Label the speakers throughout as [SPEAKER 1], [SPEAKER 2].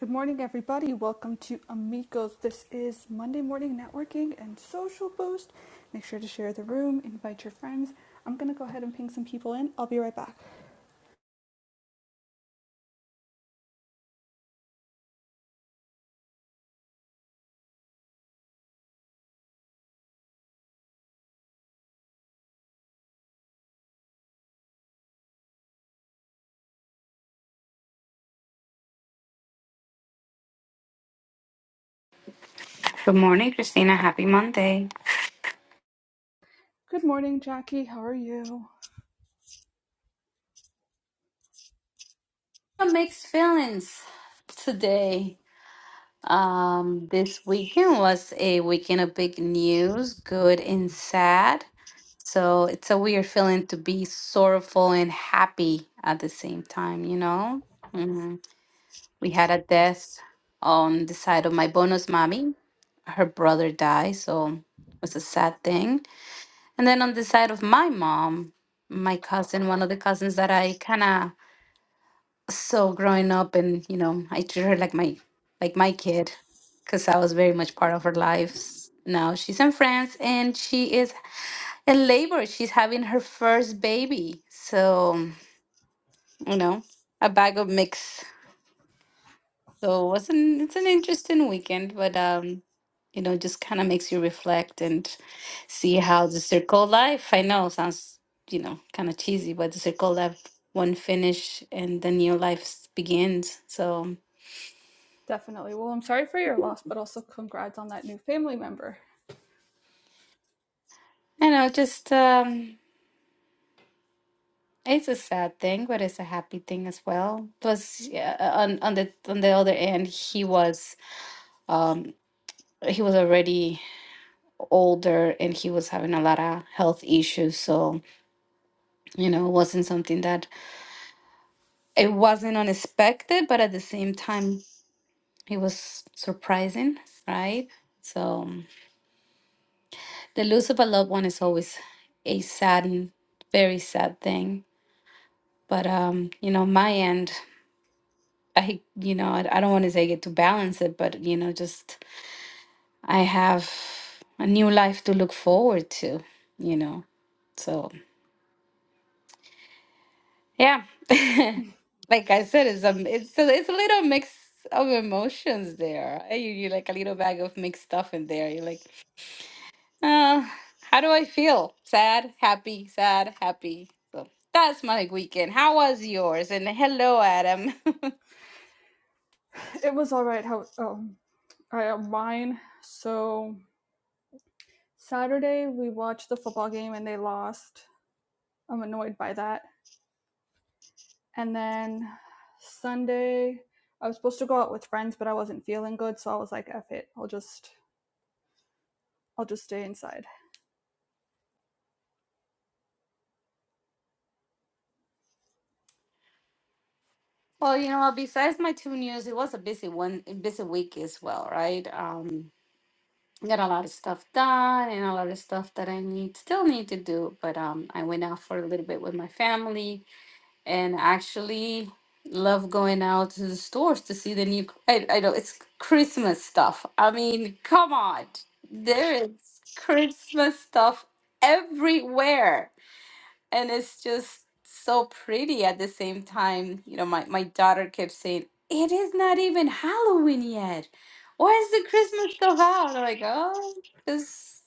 [SPEAKER 1] Good morning, everybody. Welcome to Amigos. This is Monday Morning Networking and Social Boost. Make sure to share the room, invite your friends. I'm going to go ahead and ping some people in. I'll be right back.
[SPEAKER 2] Good morning, Christina. Happy Monday.
[SPEAKER 1] Good morning, Jackie. How are you?
[SPEAKER 2] Some mixed feelings today. Um, this weekend was a weekend of big news, good and sad. So it's a weird feeling to be sorrowful and happy at the same time, you know? Mhm. We had a death on the side of my bonus mommy. Her brother died, so it was a sad thing. And then on the side of my mom, my cousin, one of the cousins that I kind of So growing up, and you know, I treat her like my like my kid, because I was very much part of her life. Now she's in France, and she is in labor. She's having her first baby. So um, you know, a bag of mix. So it was an it's an interesting weekend, but um, you know, just kind of makes you reflect and see how the circle of life. I know sounds you know kind of cheesy, but the circle of life one finish and the new life begins. So. um,
[SPEAKER 1] Definitely. Well, I'm sorry for your loss, but also congrats on that new family member.
[SPEAKER 2] You know, just um, it's a sad thing, but it's a happy thing as well. Plus, yeah, uh, on on the on the other end, he was um he was already older and he was having a lot of health issues, so you know, it wasn't something that it wasn't unexpected, but at the same time, it was surprising, right? So the loss of a loved one is always a sad and very sad thing. But um, you know, my end. I, you know, I, I don't want to say get to balance it, but you know, just I have a new life to look forward to, you know. So yeah, like I said, it's a it's a, it's a little mix of emotions there. Eh, You you like a little bag of mixed stuff in there. You're like, uh, how do I feel? Sad, happy, sad, happy. So that's my weekend. How was yours? And hello, Adam.
[SPEAKER 1] It was all right. How? Um, I uh, mine. So Saturday we watched the football game and they lost. I'm annoyed by that. And then Sunday, I was supposed to go out with friends, but I wasn't feeling good, so I was like, "F it, I'll just, I'll just stay inside."
[SPEAKER 2] Well, you know, what, besides my two news, it was a busy one, a busy week as well, right? Um, got a lot of stuff done and a lot of stuff that I need still need to do. But um, I went out for a little bit with my family and actually love going out to the stores to see the new. I, I know it's Christmas stuff. I mean, come on, there is Christmas stuff everywhere and it's just so pretty at the same time. You know, my, my daughter kept saying, It is not even Halloween yet. Why is the Christmas stuff out? I'm like, oh, because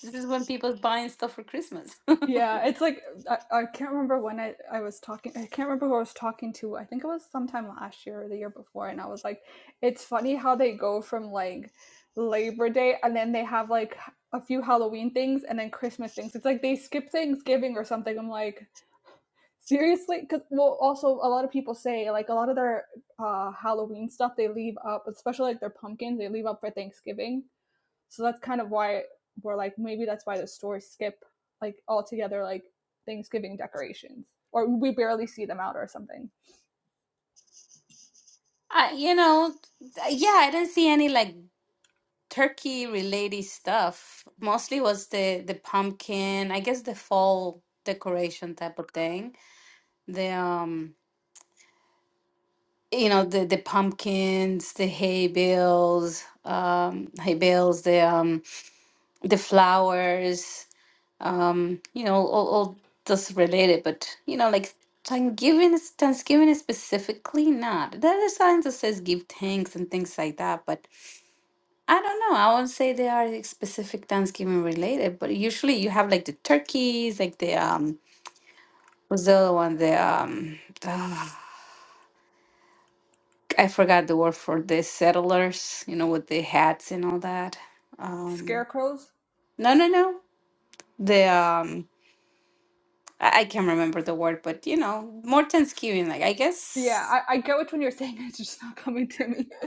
[SPEAKER 2] this is when people's buying stuff for Christmas.
[SPEAKER 1] Yeah, it's like I, I can't remember when I, I was talking. I can't remember who I was talking to. I think it was sometime last year or the year before, and I was like, "It's funny how they go from like Labor Day, and then they have like a few Halloween things, and then Christmas things. It's like they skip Thanksgiving or something." I'm like, Seriously, because well, also a lot of people say like a lot of their uh, Halloween stuff they leave up, especially like their pumpkins they leave up for Thanksgiving. So that's kind of why we're like maybe that's why the stores skip like altogether like Thanksgiving decorations or we barely see them out or something.
[SPEAKER 2] I, you know, th- yeah, I didn't see any like turkey related stuff. Mostly was the the pumpkin, I guess the fall decoration type of thing. The um you know the the pumpkins the hay bales um hay bales the um the flowers um you know all, all those related but you know like thanksgiving is thanksgiving is specifically not there are signs that says give thanks and things like that but i don't know i won't say they are like, specific thanksgiving related but usually you have like the turkeys like the um what's the other one the um I forgot the word for the settlers, you know, with the hats and all that. Um,
[SPEAKER 1] Scarecrows,
[SPEAKER 2] no, no, no. The um, I, I can't remember the word, but you know, more Thanksgiving. Like I
[SPEAKER 1] yeah,
[SPEAKER 2] guess,
[SPEAKER 1] I, I get which one you're saying. It's just not coming to me.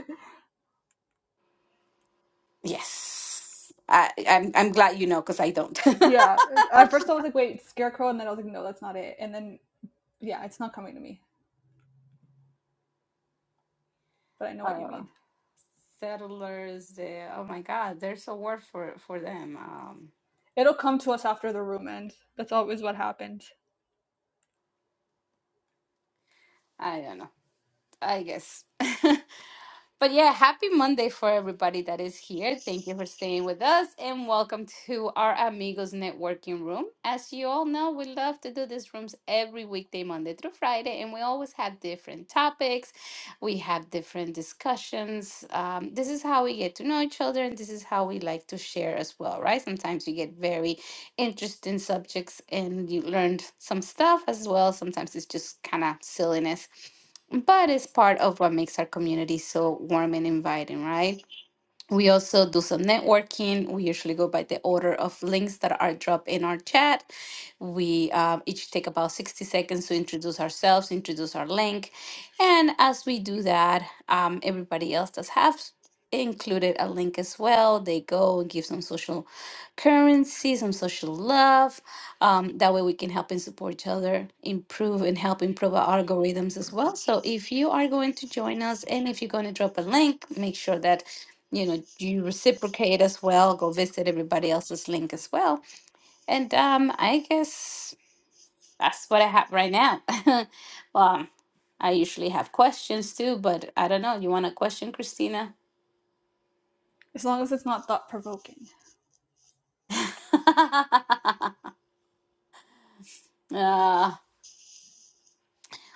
[SPEAKER 2] yes. I I'm I'm glad you know because I don't.
[SPEAKER 1] Yeah, at first I was like, wait, scarecrow, and then I was like, no, that's not it. And then yeah, it's not coming to me, but I know what you
[SPEAKER 2] uh,
[SPEAKER 1] mean.
[SPEAKER 2] settlers. The, oh my God, there's a word for for them. Um,
[SPEAKER 1] It'll come to us after the room ends. That's always what happens.
[SPEAKER 2] I don't know. I guess. But yeah, happy Monday for everybody that is here. Thank you for staying with us and welcome to our Amigos Networking Room. As you all know, we love to do these rooms every weekday, Monday through Friday, and we always have different topics. We have different discussions. Um, this is how we get to know each other and this is how we like to share as well, right? Sometimes you get very interesting subjects and you learned some stuff as well. Sometimes it's just kind of silliness but it's part of what makes our community so warm and inviting, right? We also do some networking. We usually go by the order of links that are dropped in our chat. We um, each take about 60 seconds to introduce ourselves, introduce our link. And as we do that, um, everybody else does have included a link as well. They go and give some social currency, some social love. Um, that way we can help and support each other, improve and help improve our algorithms as well. So if you are going to join us and if you're going to drop a link, make sure that you know do you reciprocate as well go visit everybody else's link as well and um i guess that's what i have right now well i usually have questions too but i don't know you want a question christina
[SPEAKER 1] As long as it's not thought provoking.
[SPEAKER 2] uh,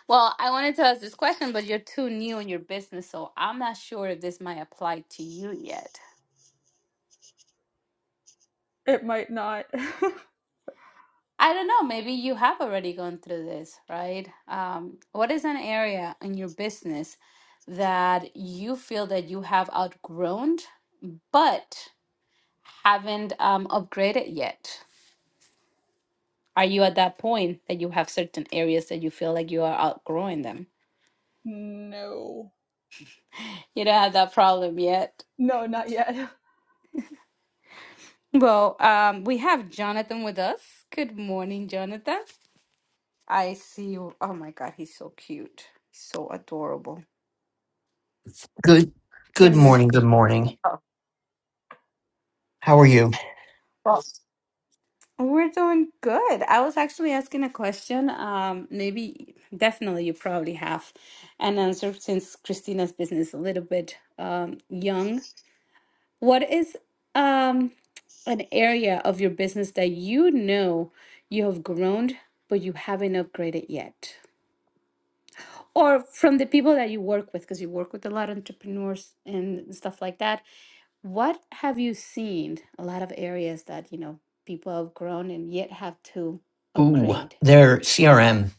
[SPEAKER 2] well i wanted to ask this question but you're too new in your business so i'm not sure if this might apply to you yet
[SPEAKER 1] It might not.
[SPEAKER 2] I don't know, maybe you have already gone through this, right? Um, what is an area in your business that you feel that you have outgrown but haven't um, upgraded yet? Are you at that point that you have certain areas that you feel like you are outgrowing them?
[SPEAKER 1] no.
[SPEAKER 2] You don't have that problem yet.
[SPEAKER 1] No, not yet.
[SPEAKER 2] Well, um, we have Jonathan with us. Good morning, Jonathan. I see you. Oh my God, he's so cute. So adorable.
[SPEAKER 3] Good good
[SPEAKER 2] Can you?
[SPEAKER 3] morning, good morning.
[SPEAKER 2] Oh,
[SPEAKER 3] How are you?
[SPEAKER 2] well. We're doing good. I was actually asking a question. Um, maybe, definitely, you probably have an answer since Christina's business is a little bit um, young. What is um, an area of your business that you know you have grown, but you haven't upgraded yet? or from the people that you work with because you work with a lot of entrepreneurs and stuff like that what have you seen a lot of areas that you know people have grown and yet have to
[SPEAKER 3] Ooh,
[SPEAKER 2] upgrade
[SPEAKER 3] their CRM.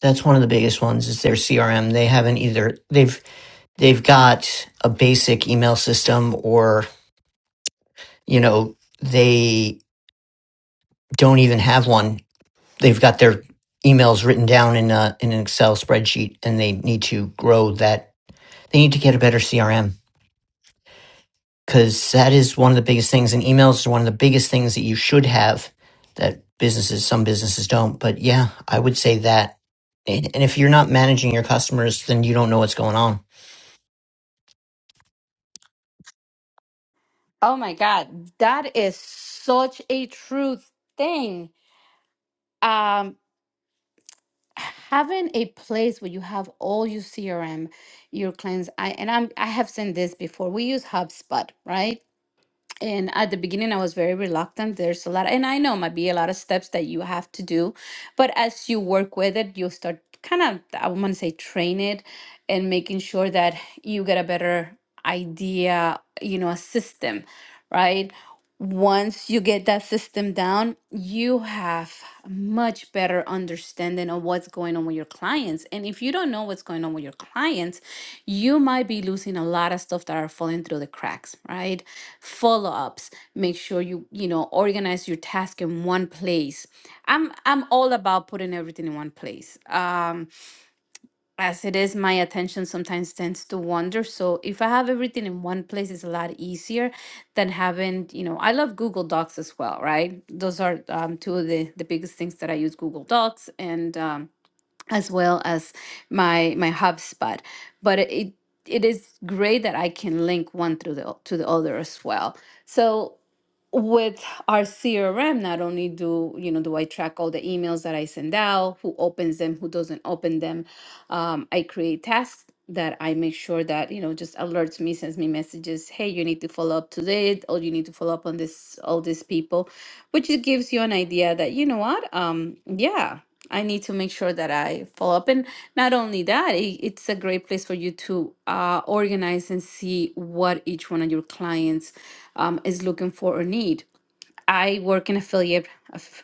[SPEAKER 3] That's one of the biggest ones is their CRM. They haven't either they've they've got a basic email system or, you know, they don't even have one. They've got their emails written down in a in an Excel spreadsheet and they need to grow that. They need to get a better CRM. because that is one of the biggest things and emails are one of the biggest things that you should have that businesses some businesses don't but yeah i would say that and and if you're not managing your customers then you don't know what's going on
[SPEAKER 2] oh my god that is such a true thing um having a place where you have all your crm your clients i and i'm i have seen this before we use hubspot right and at the beginning, I was very reluctant. There's a lot, and I know might be a lot of steps that you have to do, but as you work with it, you start kind of, I want to say, train it and making sure that you get a better idea, you know, a system, right? once you get that system down, you have a much better understanding of what's going on with your clients. And if you don't know what's going on with your clients, you might be losing a lot of stuff that are falling through the cracks, right? Follow-ups, make sure you, you know, organize your task in one place. I'm I'm all about putting everything in one place. Um as it is, my attention sometimes tends to wander. So if I have everything in one place, it's a lot easier than having, you know, I love Google Docs as well, right? Those are um, two of the, the biggest things that I use Google Docs and um, as well as my my HubSpot. But it it is great that I can link one through the to the other as well. So with our CRM, not only do you know do I track all the emails that I send out, who opens them, who doesn't open them, um, I create tasks that I make sure that, you know, just alerts me, sends me messages, hey, you need to follow up to this, or you need to follow up on this, all these people, which it gives you an idea that, you know what, um, yeah, I need to make sure that I follow up. And not only that, it, it's a great place for you to uh, organize and see what each one of your clients um, is looking for or need I work in affiliate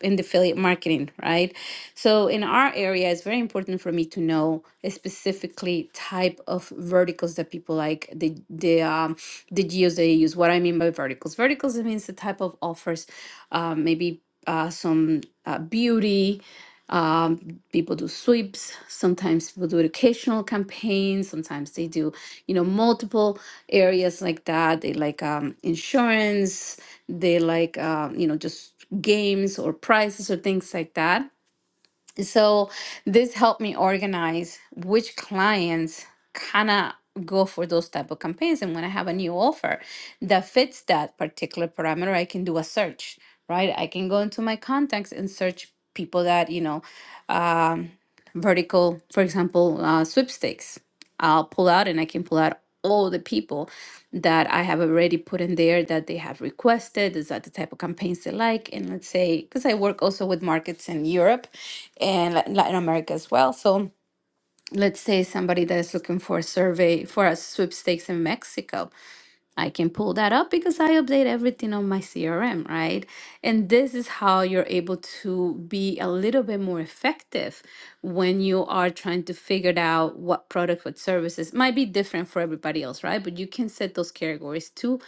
[SPEAKER 2] in the affiliate marketing, right? So in our area, it's very important for me to know specifically type of verticals that people like the the um, the geos they use. What I mean by verticals, verticals it means the type of offers, uh, maybe uh, some uh, beauty. um, people do sweeps sometimes people do educational campaigns sometimes they do you know multiple areas like that they like um, insurance they like um, you know just games or prizes or things like that so this helped me organize which clients kind of go for those type of campaigns and when i have a new offer that fits that particular parameter i can do a search right i can go into my contacts and search people that you know um, vertical, for example, uh, sweepstakes. I'll pull out and I can pull out all the people that I have already put in there that they have requested. Is that the type of campaigns they like? And let's say, because I work also with markets in Europe and Lat- Latin America as well. So let's say somebody that is looking for a survey for a sweepstakes in Mexico I can pull that up because I update everything on my CRM, right? And this is how you're able to be a little bit more effective when you are trying to figure out what product, what services might be different for everybody else, right? But you can set those categories too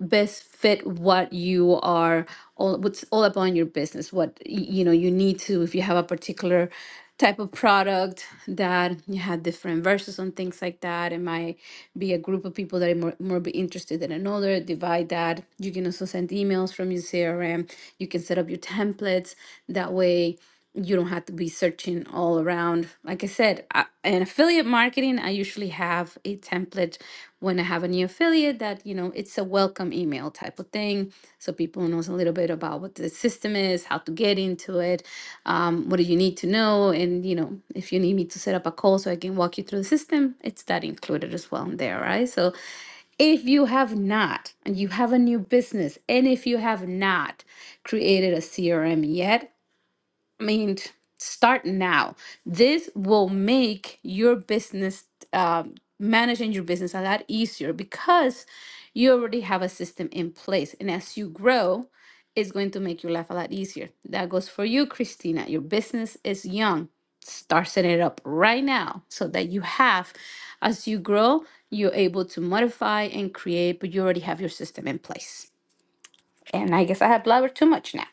[SPEAKER 2] best fit what you are all what's all about in your business what y- you know you need to if you have a particular type of product that you have different verses on things like that it might be a group of people that are more, more be interested in another divide that you can also send emails from your crm you can set up your templates that way you don't have to be searching all around. Like I said, I, in affiliate marketing, I usually have a template when I have a new affiliate that, you know, it's a welcome email type of thing. So people knows a little bit about what the system is, how to get into it, um, what do you need to know. And, you know, if you need me to set up a call so I can walk you through the system, it's that included as well in there, right? So if you have not, and you have a new business, and if you have not created a CRM yet, I mean, t- start now. This will make your business, um, managing your business a lot easier because you already have a system in place. And as you grow, it's going to make your life a lot easier. That goes for you, Christina. Your business is young. Start setting it up right now so that you have, as you grow, you're able to modify and create, but you already have your system in place. And I guess I have blabbered too much now.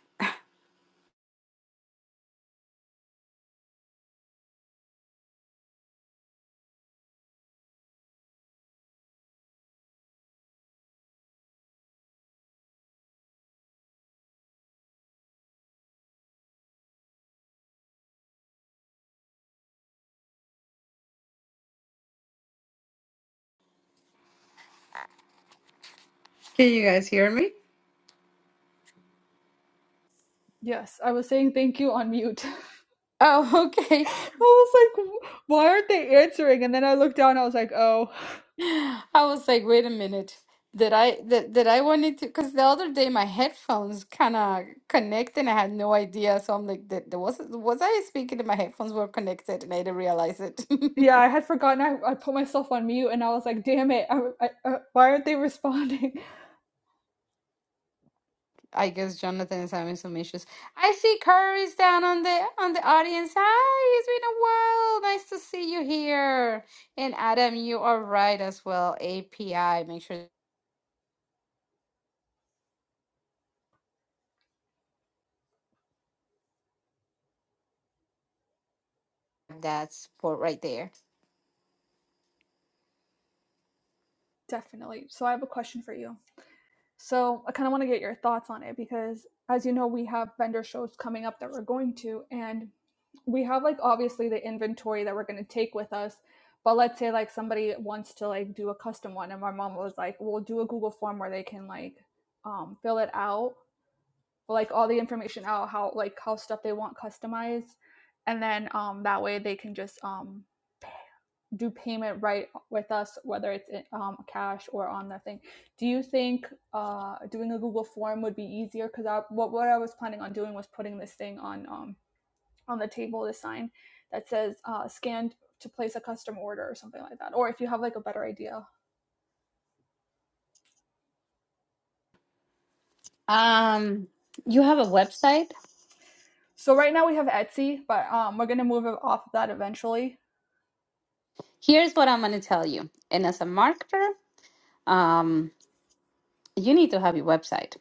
[SPEAKER 2] Can you guys hear me?
[SPEAKER 1] Yes, I was saying thank you on mute.
[SPEAKER 2] Oh, okay.
[SPEAKER 1] I was like, why aren't they answering? And then I looked down, and I was like, oh.
[SPEAKER 2] I was like, wait a minute. Did I that that I wanted to because the other day my headphones kind of connect and I had no idea. So I'm like, that there was was I speaking and my headphones were connected and I didn't realize it.
[SPEAKER 1] Yeah, I had forgotten I, I put myself on mute and I was like, damn it, I, I, uh, why aren't they responding?
[SPEAKER 2] I guess Jonathan is having some issues. I see Curry's down on the on the audience. Hi, it's been a while. Nice to see you here. And Adam, you are right as well. API, make sure that's support right there.
[SPEAKER 1] Definitely. So I have a question for you. So I kind of want to get your thoughts on it because, as you know, we have vendor shows coming up that we're going to, and we have like obviously the inventory that we're going to take with us. But let's say like somebody wants to like do a custom one, and my mom was like, "We'll do a Google form where they can like um, fill it out, like all the information out, how like how stuff they want customized, and then um, that way they can just um, do payment right with us, whether it's um, cash or on the thing. Do you think uh, doing a Google form would be easier? Because I, what what I was planning on doing was putting this thing on um, on the table, this sign that says uh, scanned to place a custom order or something like that. Or if you have like a better idea.
[SPEAKER 2] Um, you have a website?
[SPEAKER 1] So right now we have Etsy, but um, we're gonna move off of that eventually.
[SPEAKER 2] Here's what I'm going to tell you. And as a marketer, um, you need to have your website,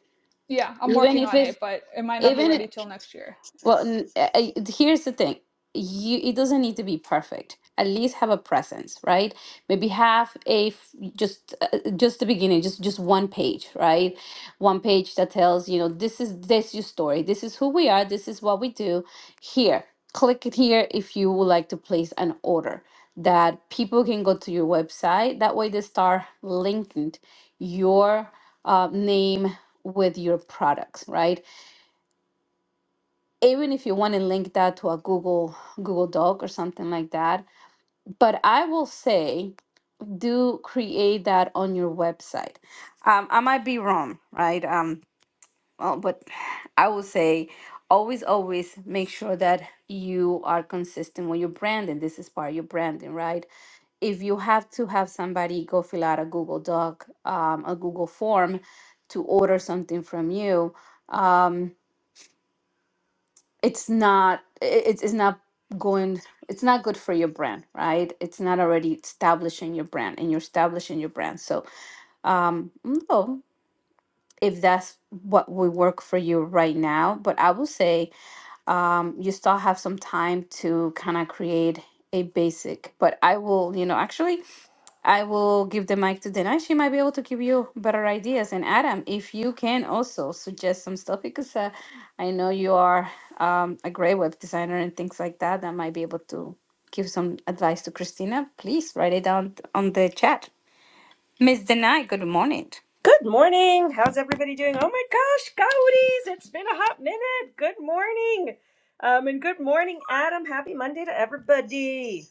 [SPEAKER 1] Yeah, I'm
[SPEAKER 2] even
[SPEAKER 1] working
[SPEAKER 2] if
[SPEAKER 1] on
[SPEAKER 2] it's
[SPEAKER 1] it, but it might not be
[SPEAKER 2] even.
[SPEAKER 1] ready till next year.
[SPEAKER 2] Well, n- I- I- here's the thing. You, it doesn't need to be perfect. At least have a presence, right? Maybe have a f- just uh, uh, just the beginning, just just one page, right? One page that tells you know this is this your story. This is who we are. This is what we do. Here, click it here if you would like to place an order. That people can go to your website. That way, they start linking your uh, name with your products, right? even if you want to link that to a Google Google Doc or something like that. But I will say, do create that on your website. Um, I might be wrong, right? Um, well, but I will say, always, always make sure that you are consistent with your branding. This is part of your branding, right? If you have to have somebody go fill out a Google Doc, um, a Google form to order something from you um, it's not it's, it's not going it's not good for your brand right it's not already establishing your brand and you're establishing your brand so um no if that's what will work for you right now but i will say um you still have some time to kind of create a basic but i will you know actually I will give the mic to Dana. She might be able to give you better ideas. And Adam, if you can also suggest some stuff, because uh, I know you are um, a great web designer and things like that, that might be able to give some advice to Christina. Please write it down t- on the chat. Miss Denai, good morning.
[SPEAKER 4] Good morning. How's everybody doing? Oh my gosh, Gaudis, it's been a hot minute. Good morning. Um, and good morning, Adam. Happy Monday to everybody.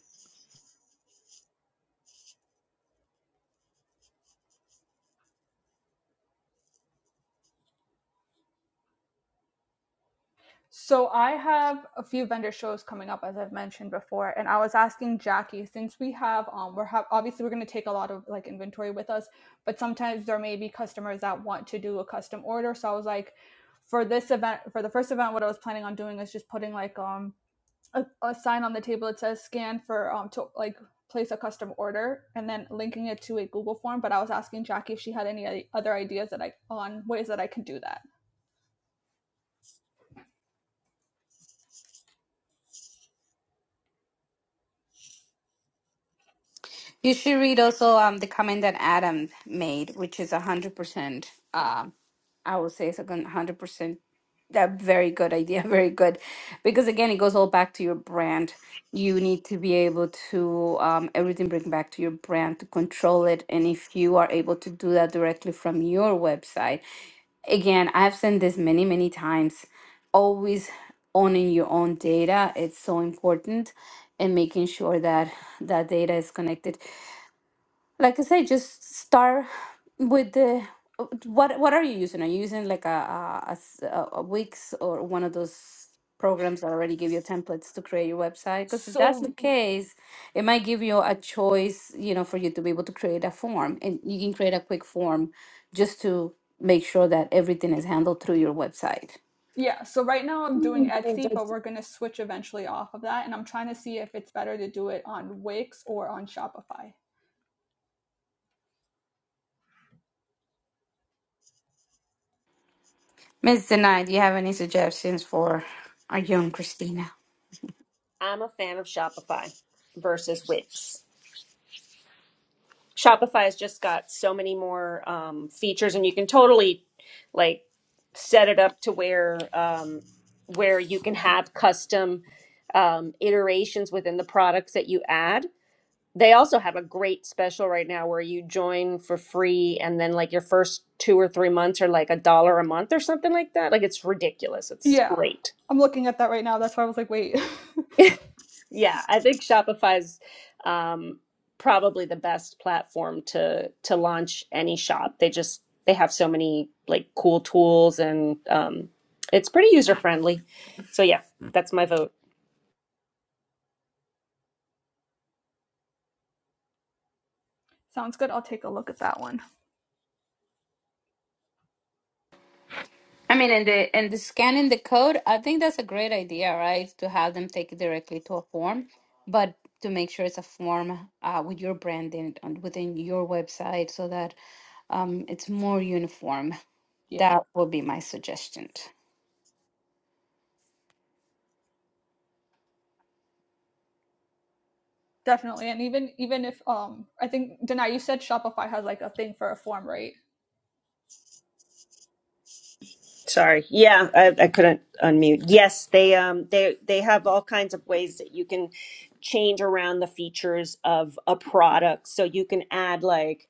[SPEAKER 1] So I have a few vendor shows coming up, as I've mentioned before, and I was asking Jackie since we have um we're have obviously we're going to take a lot of like inventory with us, but sometimes there may be customers that want to do a custom order. So I was like, for this event, for the first event, what I was planning on doing is just putting like um a, a sign on the table that says scan for um to like place a custom order and then linking it to a Google form. But I was asking Jackie if she had any other ideas that I on ways that I can do that
[SPEAKER 2] You should read also um, the comment that Adam made, which is 100%. Um, I would say it's a 100% That very good idea, very good. Because again, it goes all back to your brand. You need to be able to um, everything bring back to your brand to control it. And if you are able to do that directly from your website, again, I've said this many, many times. Always owning your own data, it's so important, and making sure that that data is connected like I say, just start with the what what are you using? Are you using like a a, a s- a- a Wix or one of those programs that already give you templates to create your website? Because if that's
[SPEAKER 1] so
[SPEAKER 2] the Mhm. case, it might give you a choice, you know, for you to be able to create a form, and you can create a quick form just to make sure that everything is handled through your website.
[SPEAKER 1] Yeah, so right now I'm doing
[SPEAKER 2] And
[SPEAKER 1] Etsy, but
[SPEAKER 2] that's-
[SPEAKER 1] we're going to switch eventually off of that. And I'm trying to see if it's better to do it on Wix or on Shopify.
[SPEAKER 2] Ms. Denai, do you have any suggestions for our young Christina?
[SPEAKER 4] I'm a fan of Shopify versus Wix. Shopify has just got so many more um, features, and you can totally like set it up to where um, where you can have custom um, iterations within the products that you add They also have a great special right now where you join for free and then like your first two or three months are like a dollar a month or something like that. Like it's ridiculous. It's
[SPEAKER 1] Yeah,
[SPEAKER 4] great.
[SPEAKER 1] I'm looking at that right now. That's why I was like, wait,
[SPEAKER 4] Yeah, I think Shopify's um, probably the best platform to to launch any shop. They just they have so many like cool tools and um, it's pretty user friendly. So yeah, that's my vote.
[SPEAKER 1] sounds good. I'll take a look at that one.
[SPEAKER 2] I mean, and the and the scanning the code, I think that's a great idea, right? To have them take it directly to a form, but to make sure it's a form uh, with your branding on, within your website so that um, it's more uniform.
[SPEAKER 1] Yeah,
[SPEAKER 2] That would be my suggestion.
[SPEAKER 1] definitely. And even even if um, I think Denai, you said Shopify has like a thing for a form, right?
[SPEAKER 4] Sorry. Yeah, I, I couldn't unmute. Yes, they um they they have all kinds of ways that you can change around the features of a product. So you can add like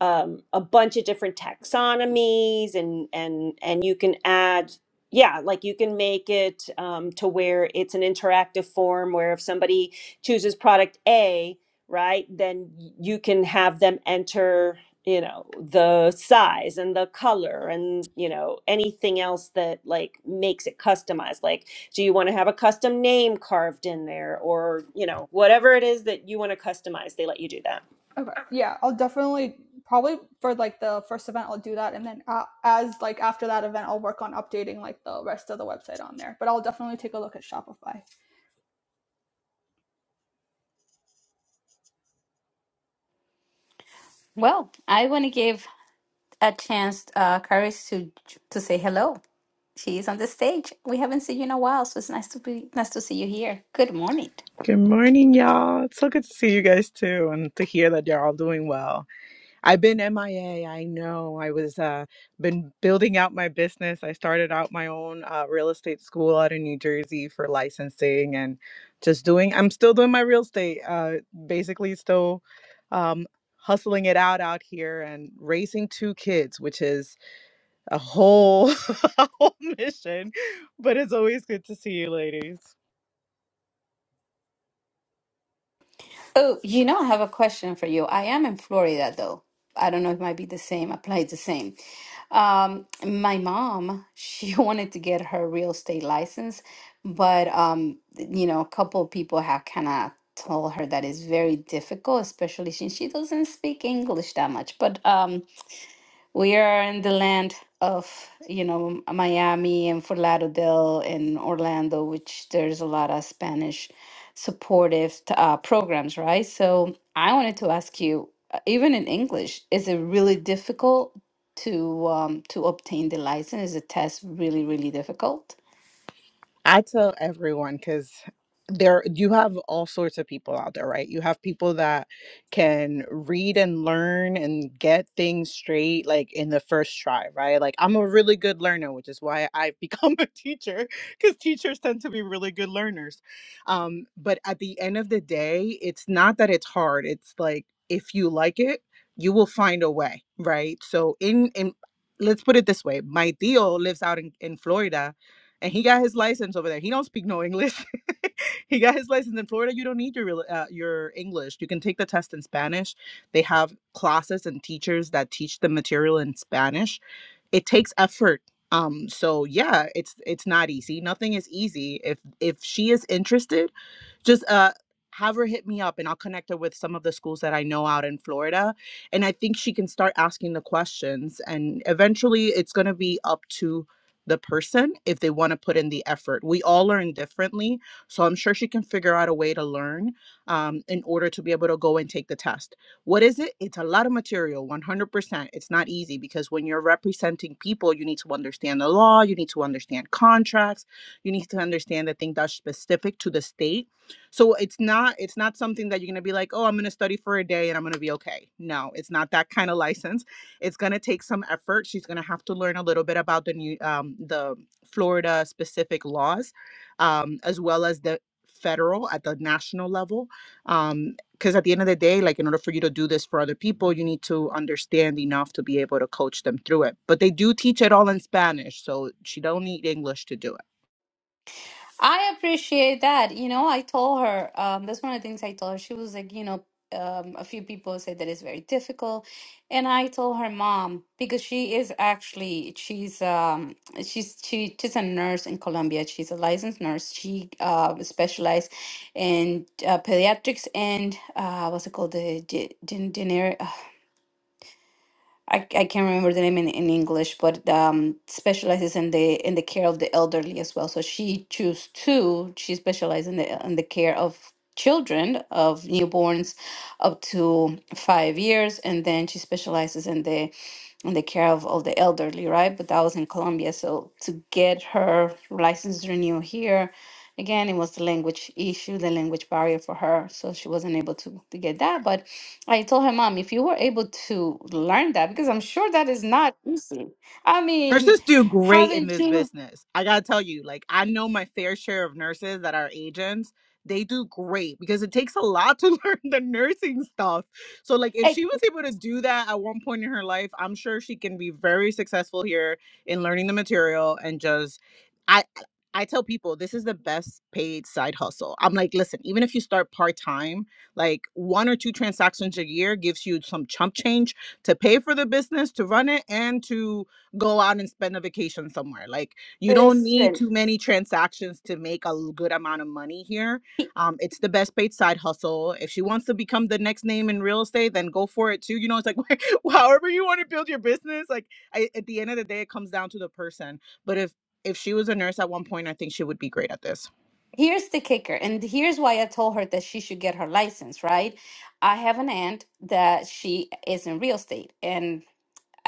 [SPEAKER 4] um a bunch of different taxonomies and and and you can add yeah, like you can make it um, to where it's an interactive form where if somebody chooses product A, right, then y- you can have them enter you know the size and the color and you know anything else that like makes it customized like do you want to have a custom name carved in there or you know whatever it is that you want to customize they let you do that
[SPEAKER 1] Okay. Yeah, I'll definitely probably for like the first event I'll do that, and then uh, as like after that event I'll work on updating like the rest of the website on there. But I'll definitely take a look at Shopify.
[SPEAKER 2] Well, I want to give a chance, uh, Karis, to to say hello. She's on the stage. We haven't seen you in a while, so it's nice to be nice to see you here. Good morning.
[SPEAKER 5] Good morning, y'all. It's so good to see you guys too, and to hear that you're all doing well. I've been MIA. I A. I know I was uh, been building out my business. I started out my own uh, real estate school out in New Jersey for licensing and just doing. I'm still doing my real estate. Uh, basically, still um, hustling it out out here and raising two kids, which is a whole, a whole mission. But it's always good to see you, ladies.
[SPEAKER 2] Oh, you know, I have a question for you. I am in Florida, though. I don't know if it might be the same, applies the same. Um, my mom, she wanted to get her real estate license, but um, you know, a couple of people have kind of told her that it's very difficult, especially since she doesn't speak English that much. But um, we are in the land of you know Miami and Fort Lauderdale and Orlando, which there's a lot of Spanish supportive t- uh, programs, right? So I wanted to ask you, uh, even in English, is it really difficult to um, to obtain the license? Is the test really really difficult?
[SPEAKER 5] I tell everyone because there you have all sorts of people out there, right? You have people that can read and learn and get things straight like in the first try, right? Like I'm a really good learner, which is why I've become a teacher because teachers tend to be really good learners. Um, but at the end of the day, it's not that it's hard. It's like if you like it, you will find a way, right? So in in let's put it this way, my deal lives out in, in Florida and he got his license over there. He don't speak no English. he got his license in Florida. You don't need your real- uh, your English. You can take the test in Spanish. They have classes and teachers that teach the material in Spanish. It takes effort. Um, so yeah, it's it's not easy. Nothing is easy. If if she is interested just uh have her hit me up and I'll connect her with some of the schools that I know out in Florida. And I think she can start asking the questions. And eventually it's going to be up to the person if they want to put in the effort. We all learn differently. So I'm sure she can figure out a way to learn um, in order to be able to go and take the test. What is it? It's a lot of material, 100%. It's not easy because when you're representing people, you need to understand the law, you need to understand contracts, you need to understand the thing that's specific to the state so it's not it's not something that you're going to be like, "Oh, I'm going to study for a day and I'm going to be okay." No, it's not that kind of license. It's going to take some effort. She's going to have to learn a little bit about the new um the Florida specific laws um as well as the federal at the national level um because at the end of the day like in order for you to do this for other people you need to understand enough to be able to coach them through it but they do teach it all in spanish so she don't need english to do it
[SPEAKER 2] I appreciate that. You know, I told her, um, that's one of the things I told her. She was like, you know, um, a few people say that it's very difficult. And I told her mom, because she is actually, she's, um, she's, she, she's a nurse in Colombia. She's a licensed nurse. She, uh, specialized in uh, pediatrics and, uh, what's it called? The, the, I, I can't remember the name in, in English, but um, specializes in the in the care of the elderly as well. So she chose two. She specializes in the in the care of children of newborns up to five years, and then she specializes in the in the care of, of the elderly, right? But that was in Colombia. So to get her license renewed here, again, it was the language issue, the language barrier for her. So she wasn't able to, to get that. But I told her, Mom, if you were able to learn that, because I'm sure that is not easy. I mean,
[SPEAKER 5] Nurses do great in
[SPEAKER 2] haven't
[SPEAKER 5] this
[SPEAKER 2] you?
[SPEAKER 5] business. I gotta tell you, like I know my fair share of nurses that are agents. They do great because it takes a lot to learn the nursing stuff. So, like, if
[SPEAKER 2] Hey,
[SPEAKER 5] she was able to do that at one point in her life, I'm sure she can be very successful here in learning the material and just. I I tell people this is the best paid side hustle. I'm like, listen, even if you start part time, like one or two transactions a year gives you some chump change to pay for the business, to run it, and to go out and spend a vacation somewhere. Like you don't need
[SPEAKER 2] listen,
[SPEAKER 5] too many transactions to make a l- good amount of money here. Um, it's the best paid side hustle. If she wants to become the next name in real estate, then go for it too. You know, it's like however you want to build your business. Like I, at the end of the day, it comes down to the person. But if if she was a nurse at one point, I think she would be great at this.
[SPEAKER 2] here's the kicker. And here's why I told her that she should get her license, right? I have an aunt that she is in real estate. And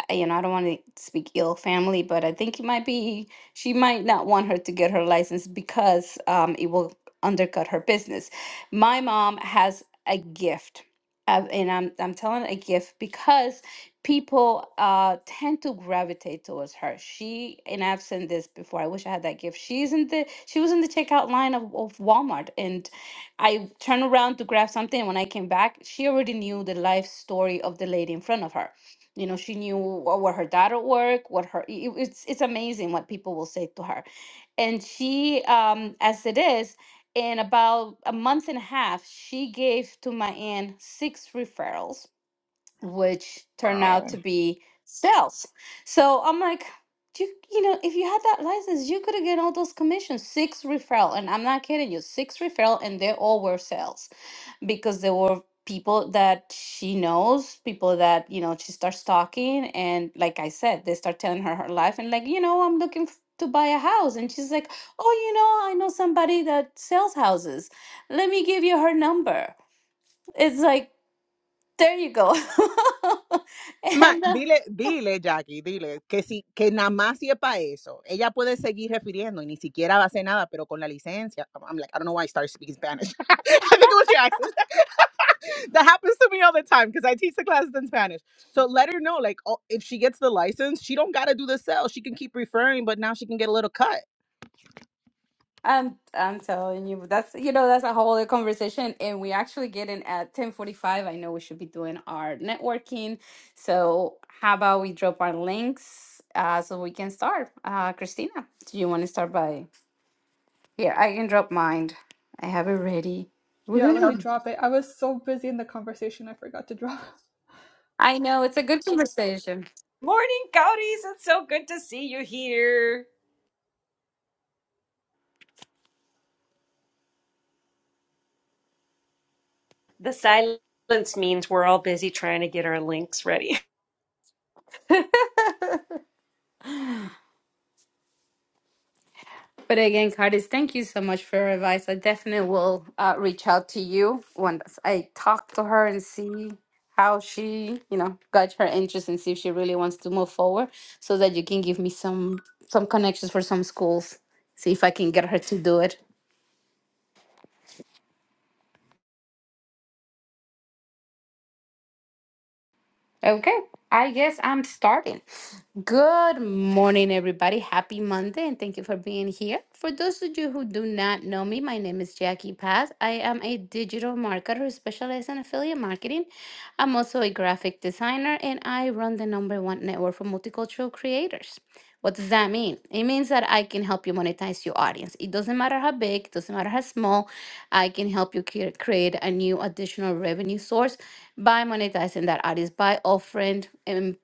[SPEAKER 2] I- you know, I don't want to speak ill family, but I think it might be she might not want her to get her license because um, it will undercut her business. My mom has a gift, uh, and I'm I'm telling a gift because people uh, tend to gravitate towards her. She and I've seen this before. I wish I had that gift. She's in the she was in the checkout line of, of Walmart, and I turned around to grab something. when I came back, she already knew the life story of the lady in front of her you know she knew what, what her dad at work what her it- it's it's amazing what people will say to her and she um as it is in about a month and a half she gave to my aunt six referrals which turned out
[SPEAKER 5] Wow.
[SPEAKER 2] to be sales so i'm like you you know if you had that license you could have gotten all those commissions six referral and i'm not kidding you six referral and they all were sales because there were people that she knows, people that, you know, she starts talking. And like I said, they start telling her her life and, like, you know, I'm looking f- to buy a house. And she's like, oh, you know, I know somebody that sells houses. Let me give you her number. It's like, there you go. and
[SPEAKER 5] Ma,
[SPEAKER 2] I'm not
[SPEAKER 5] dile, dile, Jackie, dile, que si, que nada más si es para eso. Ella puede seguir refiriendo y ni siquiera va a hacer nada, pero con la licencia. I'm I'm like, I don't know why I started speaking Spanish. I think it was your accent. that happens to me all the time because I teach the classes in Spanish. So let her know, like, oh, if she gets the license, she don't gotta do the sell. She can keep referring, but now she can get a little cut.
[SPEAKER 2] I'm I'm telling you, that's you know that's a whole other conversation, and we actually get in at ten forty five. I know we should be doing our networking, so how about we drop our links uh, so we can start? Uh, Christina, do you want to start by here? I can drop mine. I have it ready.
[SPEAKER 1] Yeah, let me
[SPEAKER 2] Woohoo!
[SPEAKER 1] drop it. I was so busy in the conversation I forgot to drop.
[SPEAKER 2] I know it's a good conversation.
[SPEAKER 4] Morning, Gaudies. It's so good to see you here. The silence means we're all busy trying to get our links ready.
[SPEAKER 2] But again, Cardis, thank you so much for your advice. I definitely will uh, reach out to you once I talk to her and see how she, you know, got her interest and see if she really wants to move forward so that you can give me some some connections for some schools. See if I can get her to do it. Okay, I guess I'm starting. Good morning, everybody. Happy Monday, and thank you for being here. For those of you who do not know me, my name is Jackie Paz. I am a digital marketer who specializes in affiliate marketing. I'm also a graphic designer, and I run the number one network for multicultural creators. What does that mean? It means that I can help you monetize your audience. It doesn't matter how big, it doesn't matter how small, I can help you cre- create a new additional revenue source by monetizing that ad by offering and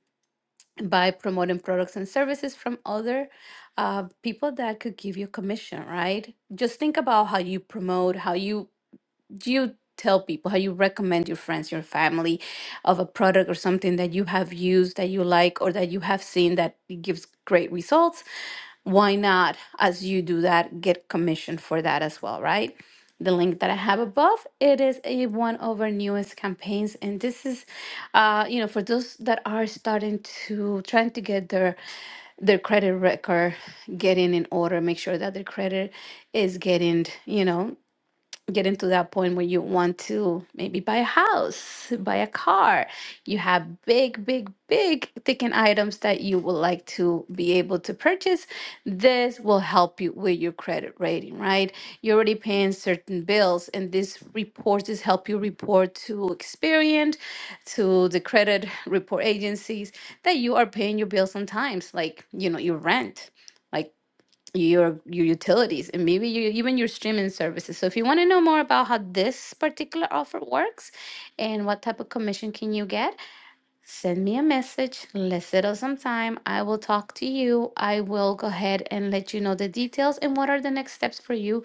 [SPEAKER 2] by promoting products and services from other uh, people that could give you commission, right? Just think about how you promote, how you do you tell people how you recommend your friends your family of a product or something that you have used that you like or that you have seen that it gives great results why not as you do that get commission for that as well right the link that i have above it is a one of our newest campaigns and this is uh you know for those that are starting to trying to get their their credit record getting in order make sure that their credit is getting you know getting to that point where you want to maybe buy a house, buy a car. You have big, big, big ticket items that you would like to be able to purchase. This will help you with your credit rating, right? You're already paying certain bills, and this reports this help you report to Experian, to the credit report agencies that you are paying your bills on times, like you know your rent. Like your your utilities and maybe you, even your streaming services. So if you want to know more about how this particular offer works and what type of commission can you get, Send me a message. Let's settle some time. I will talk to you. I will go ahead and let you know the details and what are the next steps for you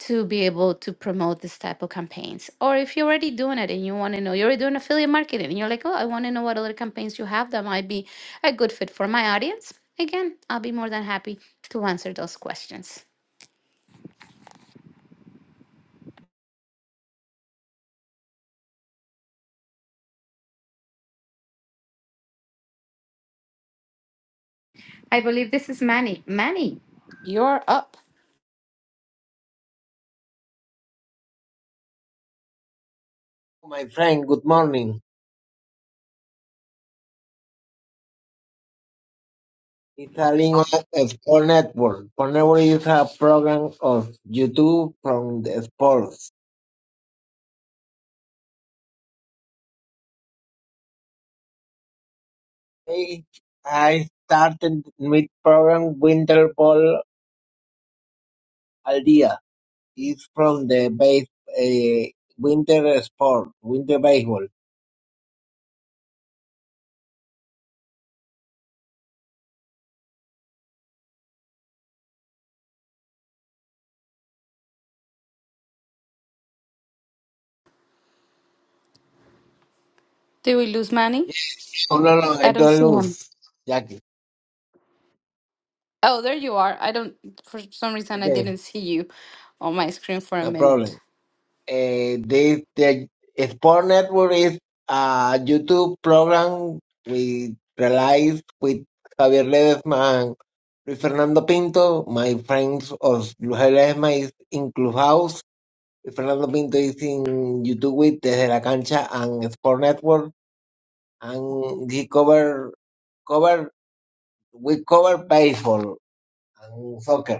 [SPEAKER 2] to be able to promote this type of campaigns. Or if you're already doing it and you want to know, you're already doing affiliate marketing and you're like, oh, I want to know what other campaigns you have that might be a good fit for my audience. Again, I'll be more than happy to answer those questions. I believe this is Manny. Manny, you're up.
[SPEAKER 6] My friend, good morning. It's a link of Sport Network. Sport Network is a program of YouTube from the sports. Hey, I started with program Winter Ball al Día. It's from the base, uh, winter sport, winter baseball.
[SPEAKER 2] Did we lose Manny?
[SPEAKER 6] Oh, no, no, no,
[SPEAKER 2] I
[SPEAKER 6] I
[SPEAKER 2] don't
[SPEAKER 6] don't
[SPEAKER 2] see him.
[SPEAKER 6] lose, Jackie.
[SPEAKER 2] Oh, there you are. I don't, for some reason, I
[SPEAKER 6] Okay,
[SPEAKER 2] didn't see you on my screen for a
[SPEAKER 6] no problem.
[SPEAKER 2] minute.
[SPEAKER 6] Uh, they, the Sport Network is a YouTube program we realized with Javier Ledesma and Luis Fernando Pinto. My friends of Luis Ledesma is in Clubhouse. Luis Fernando Pinto is in YouTube with Desde la Cancha and Sport Network. And he cover cover we cover baseball and soccer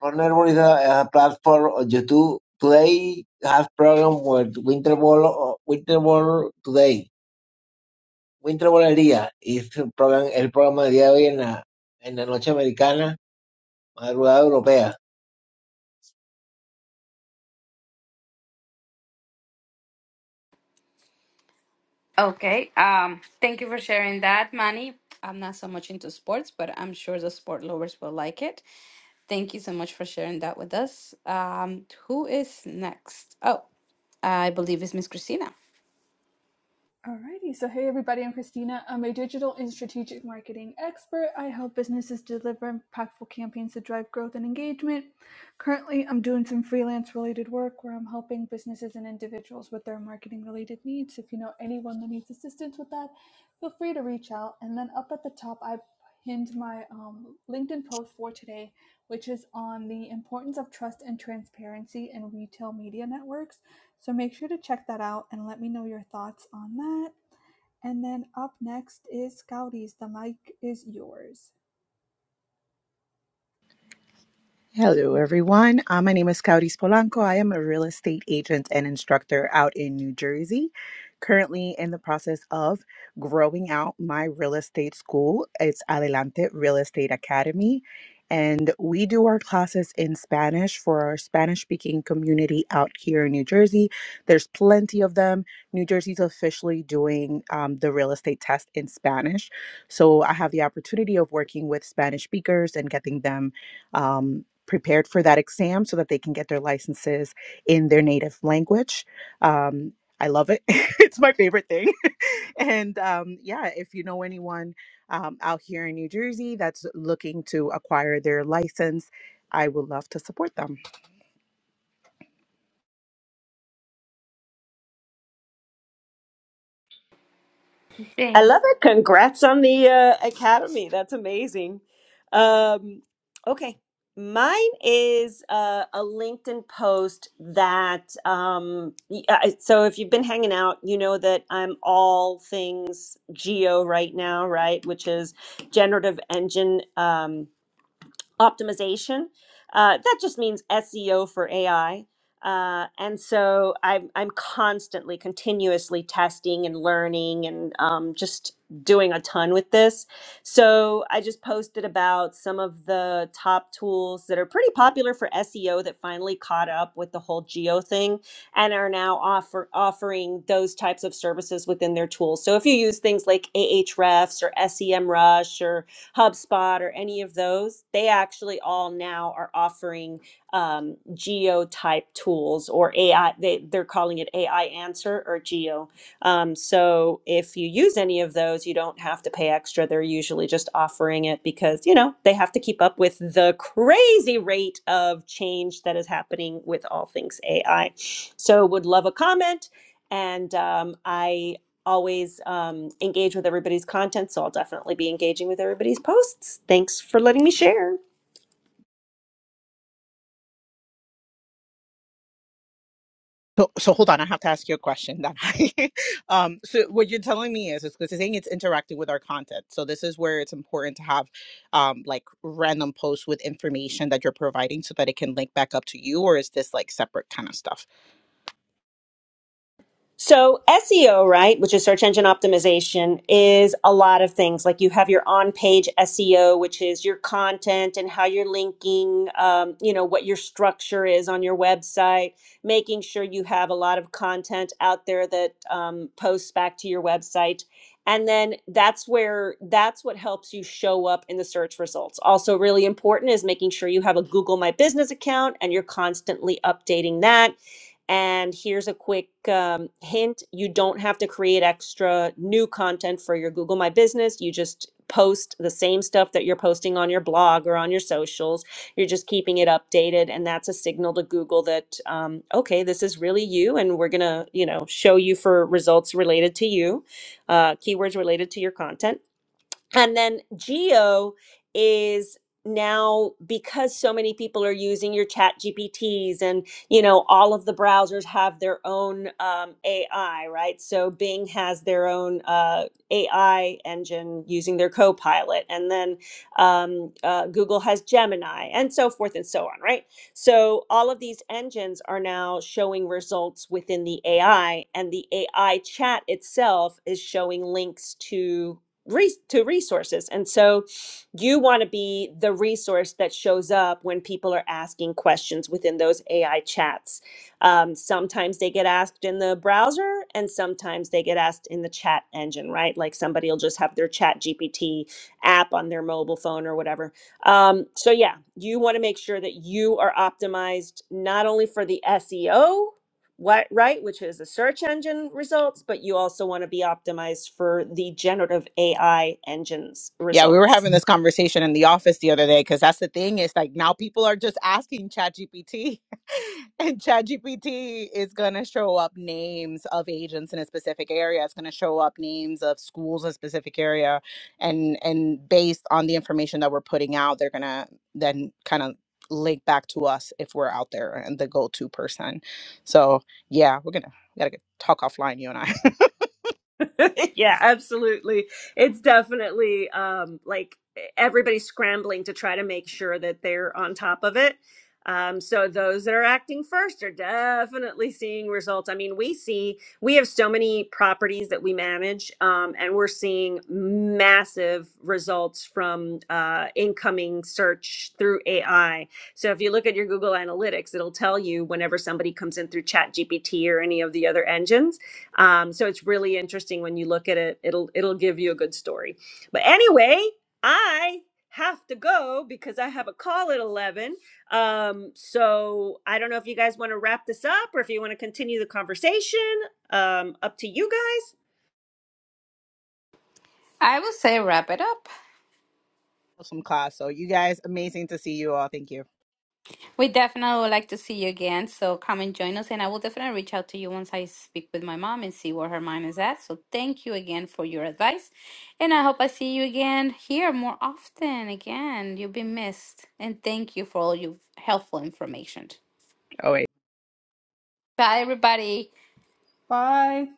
[SPEAKER 6] Thornelboard is a, a platform to today has program with Winter Ball uh, Winter Ball today. Winter Ball al día es el programa, el programa del día de hoy en la, en la noche americana, madrugada europea.
[SPEAKER 2] Okay. Um, thank you for sharing that, Manny. I'm not so much into sports, but I'm sure the sport lovers will like it. Thank you so much for sharing that with us. Um, who is next? Oh, I believe it's Miss Christina.
[SPEAKER 1] Alrighty, so hey everybody, I'm Christina. I'm a digital and strategic marketing expert. I help businesses deliver impactful campaigns to drive growth and engagement. Currently, I'm doing some freelance related work where I'm helping businesses and individuals with their marketing related needs. If you know anyone that needs assistance with that, feel free to reach out. And then up at the top, I pinned my um, LinkedIn post for today, which is on the importance of trust and transparency in retail media networks. So make sure to check that out and let me know your thoughts on that. And then up next is Scouties. The mic is yours.
[SPEAKER 5] Hello, everyone. Uh, my name is Kauris Polanco. I am a real estate agent and instructor out in New Jersey. Currently in the process of growing out my real estate school. It's Adelante Real Estate Academy. And we do our classes in Spanish for our Spanish speaking community out here in New Jersey. There's plenty of them. New Jersey's officially doing um, the real estate test in Spanish. So I have the opportunity of working with Spanish speakers and getting them. Um, prepared for that exam so that they can get their licenses in their native language. Um, I love it. it's my favorite thing. And um, yeah, if you know anyone um, out here in New Jersey that's looking to acquire their license, I would love to support them.
[SPEAKER 4] I
[SPEAKER 2] Thanks.
[SPEAKER 4] love it. Congrats on the uh, academy. That's amazing. Um, okay. Mine is uh, a LinkedIn post that, um, y- uh, I- so if you've been hanging out, you know that I'm all things geo right now, right? Which is generative engine. Um, optimization. Uh, that just means SEO for AI. Uh, and so I'm, I'm constantly, continuously testing and learning and um, just doing a ton with this. So I just posted about some of the top tools that are pretty popular for SEO that finally caught up with the whole geo thing and are now offer, offering those types of services within their tools. So if you use things like Ahrefs or SEMrush or HubSpot or any of those, they actually all now are offering um, geo type tools or AI. They, they're calling it AI Answer or Geo. Um, so if you use any of those, you don't have to pay extra. They're usually just offering it because, you know, they have to keep up with the crazy rate of change that is happening with all things AI. So would love a comment. And um, I always um, engage with everybody's content, so I'll definitely be engaging with everybody's posts. Thanks for letting me share.
[SPEAKER 5] So, so hold on, I have to ask you a question. That I, um, so what you're telling me is, is because saying it's interacting with our content. So this is where it's important to have, um, like random posts with information that you're providing so that it can link back up to you, or is this like separate kind of stuff?
[SPEAKER 4] So SEO, right, which is search engine optimization, is a lot of things. Like you have your on-page SEO, which is your content and how you're linking, um, you know, what your structure is on your website, making sure you have a lot of content out there that um, posts back to your website. And then that's where that's what helps you show up in the search results. Also, really important is making sure you have a Google My Business account and you're constantly updating that and here's a quick um, hint you don't have to create extra new content for your Google My Business. You just post the same stuff that you're posting on your blog or on your socials. You're just keeping it updated. And that's a signal to Google that, um, okay, this is really you. And we're going to, you know, show you for results related to you, uh, keywords related to your content. And then geo is now because so many people are using your chat GPTs and you know all of the browsers have their own um, AI, right? So Bing has their own uh, AI engine using their Copilot, and then um, uh, Google has Gemini, and so forth and so on, right? So all of these engines are now showing results within the AI, and the AI chat itself is showing links to re- to resources. And so you want to be the resource that shows up when people are asking questions within those AI chats. Um, sometimes they get asked in the browser and sometimes they get asked in the chat engine, right? Like somebody will just have their chat GPT app on their mobile phone or whatever. Um, so yeah, you want to make sure that you are optimized not only for the SEO what right which is the search engine results but you also want to be optimized for the generative ai engines
[SPEAKER 5] Yeah, we were having
[SPEAKER 4] results
[SPEAKER 5] this conversation in the office the other day because that's the thing is like now people are just asking ChatGPT, and ChatGPT is gonna show up names of agents in a specific area. It's gonna show up names of schools in a specific area, and and based on the information that we're putting out, they're gonna then kind of link back to us if we're out there and the go-to person. So yeah, we're gonna we are going to got to talk offline, you and I.
[SPEAKER 4] yeah, absolutely. It's definitely um, like e, everybody's scrambling to try to make sure that they're on top of it. Um, so those that are acting first are definitely seeing results. I mean, we see we have so many properties that we manage, um, and we're seeing massive results from uh, incoming search through AI. So if you look at your Google Analytics, it'll tell you whenever somebody comes in through ChatGPT or any of the other engines um, so it's really interesting when you look at it. It'll it'll give you a good story. But anyway, I have to go because I have a call at eleven. Um, so I don't know if you guys want to wrap this up or if you want to continue the conversation. Um, up to you guys.
[SPEAKER 2] I will say wrap it up.
[SPEAKER 5] Some class. So you guys, amazing to see you all. Thank you.
[SPEAKER 2] We definitely would like to see you again. So come and join us. And I will definitely reach out to you once I speak with my mom and see where her mind is at. So thank you again for your advice. And I hope I see you again here more often. Again, you've been missed. And thank you for all your helpful information.
[SPEAKER 5] Always.
[SPEAKER 2] Bye, everybody.
[SPEAKER 1] Bye.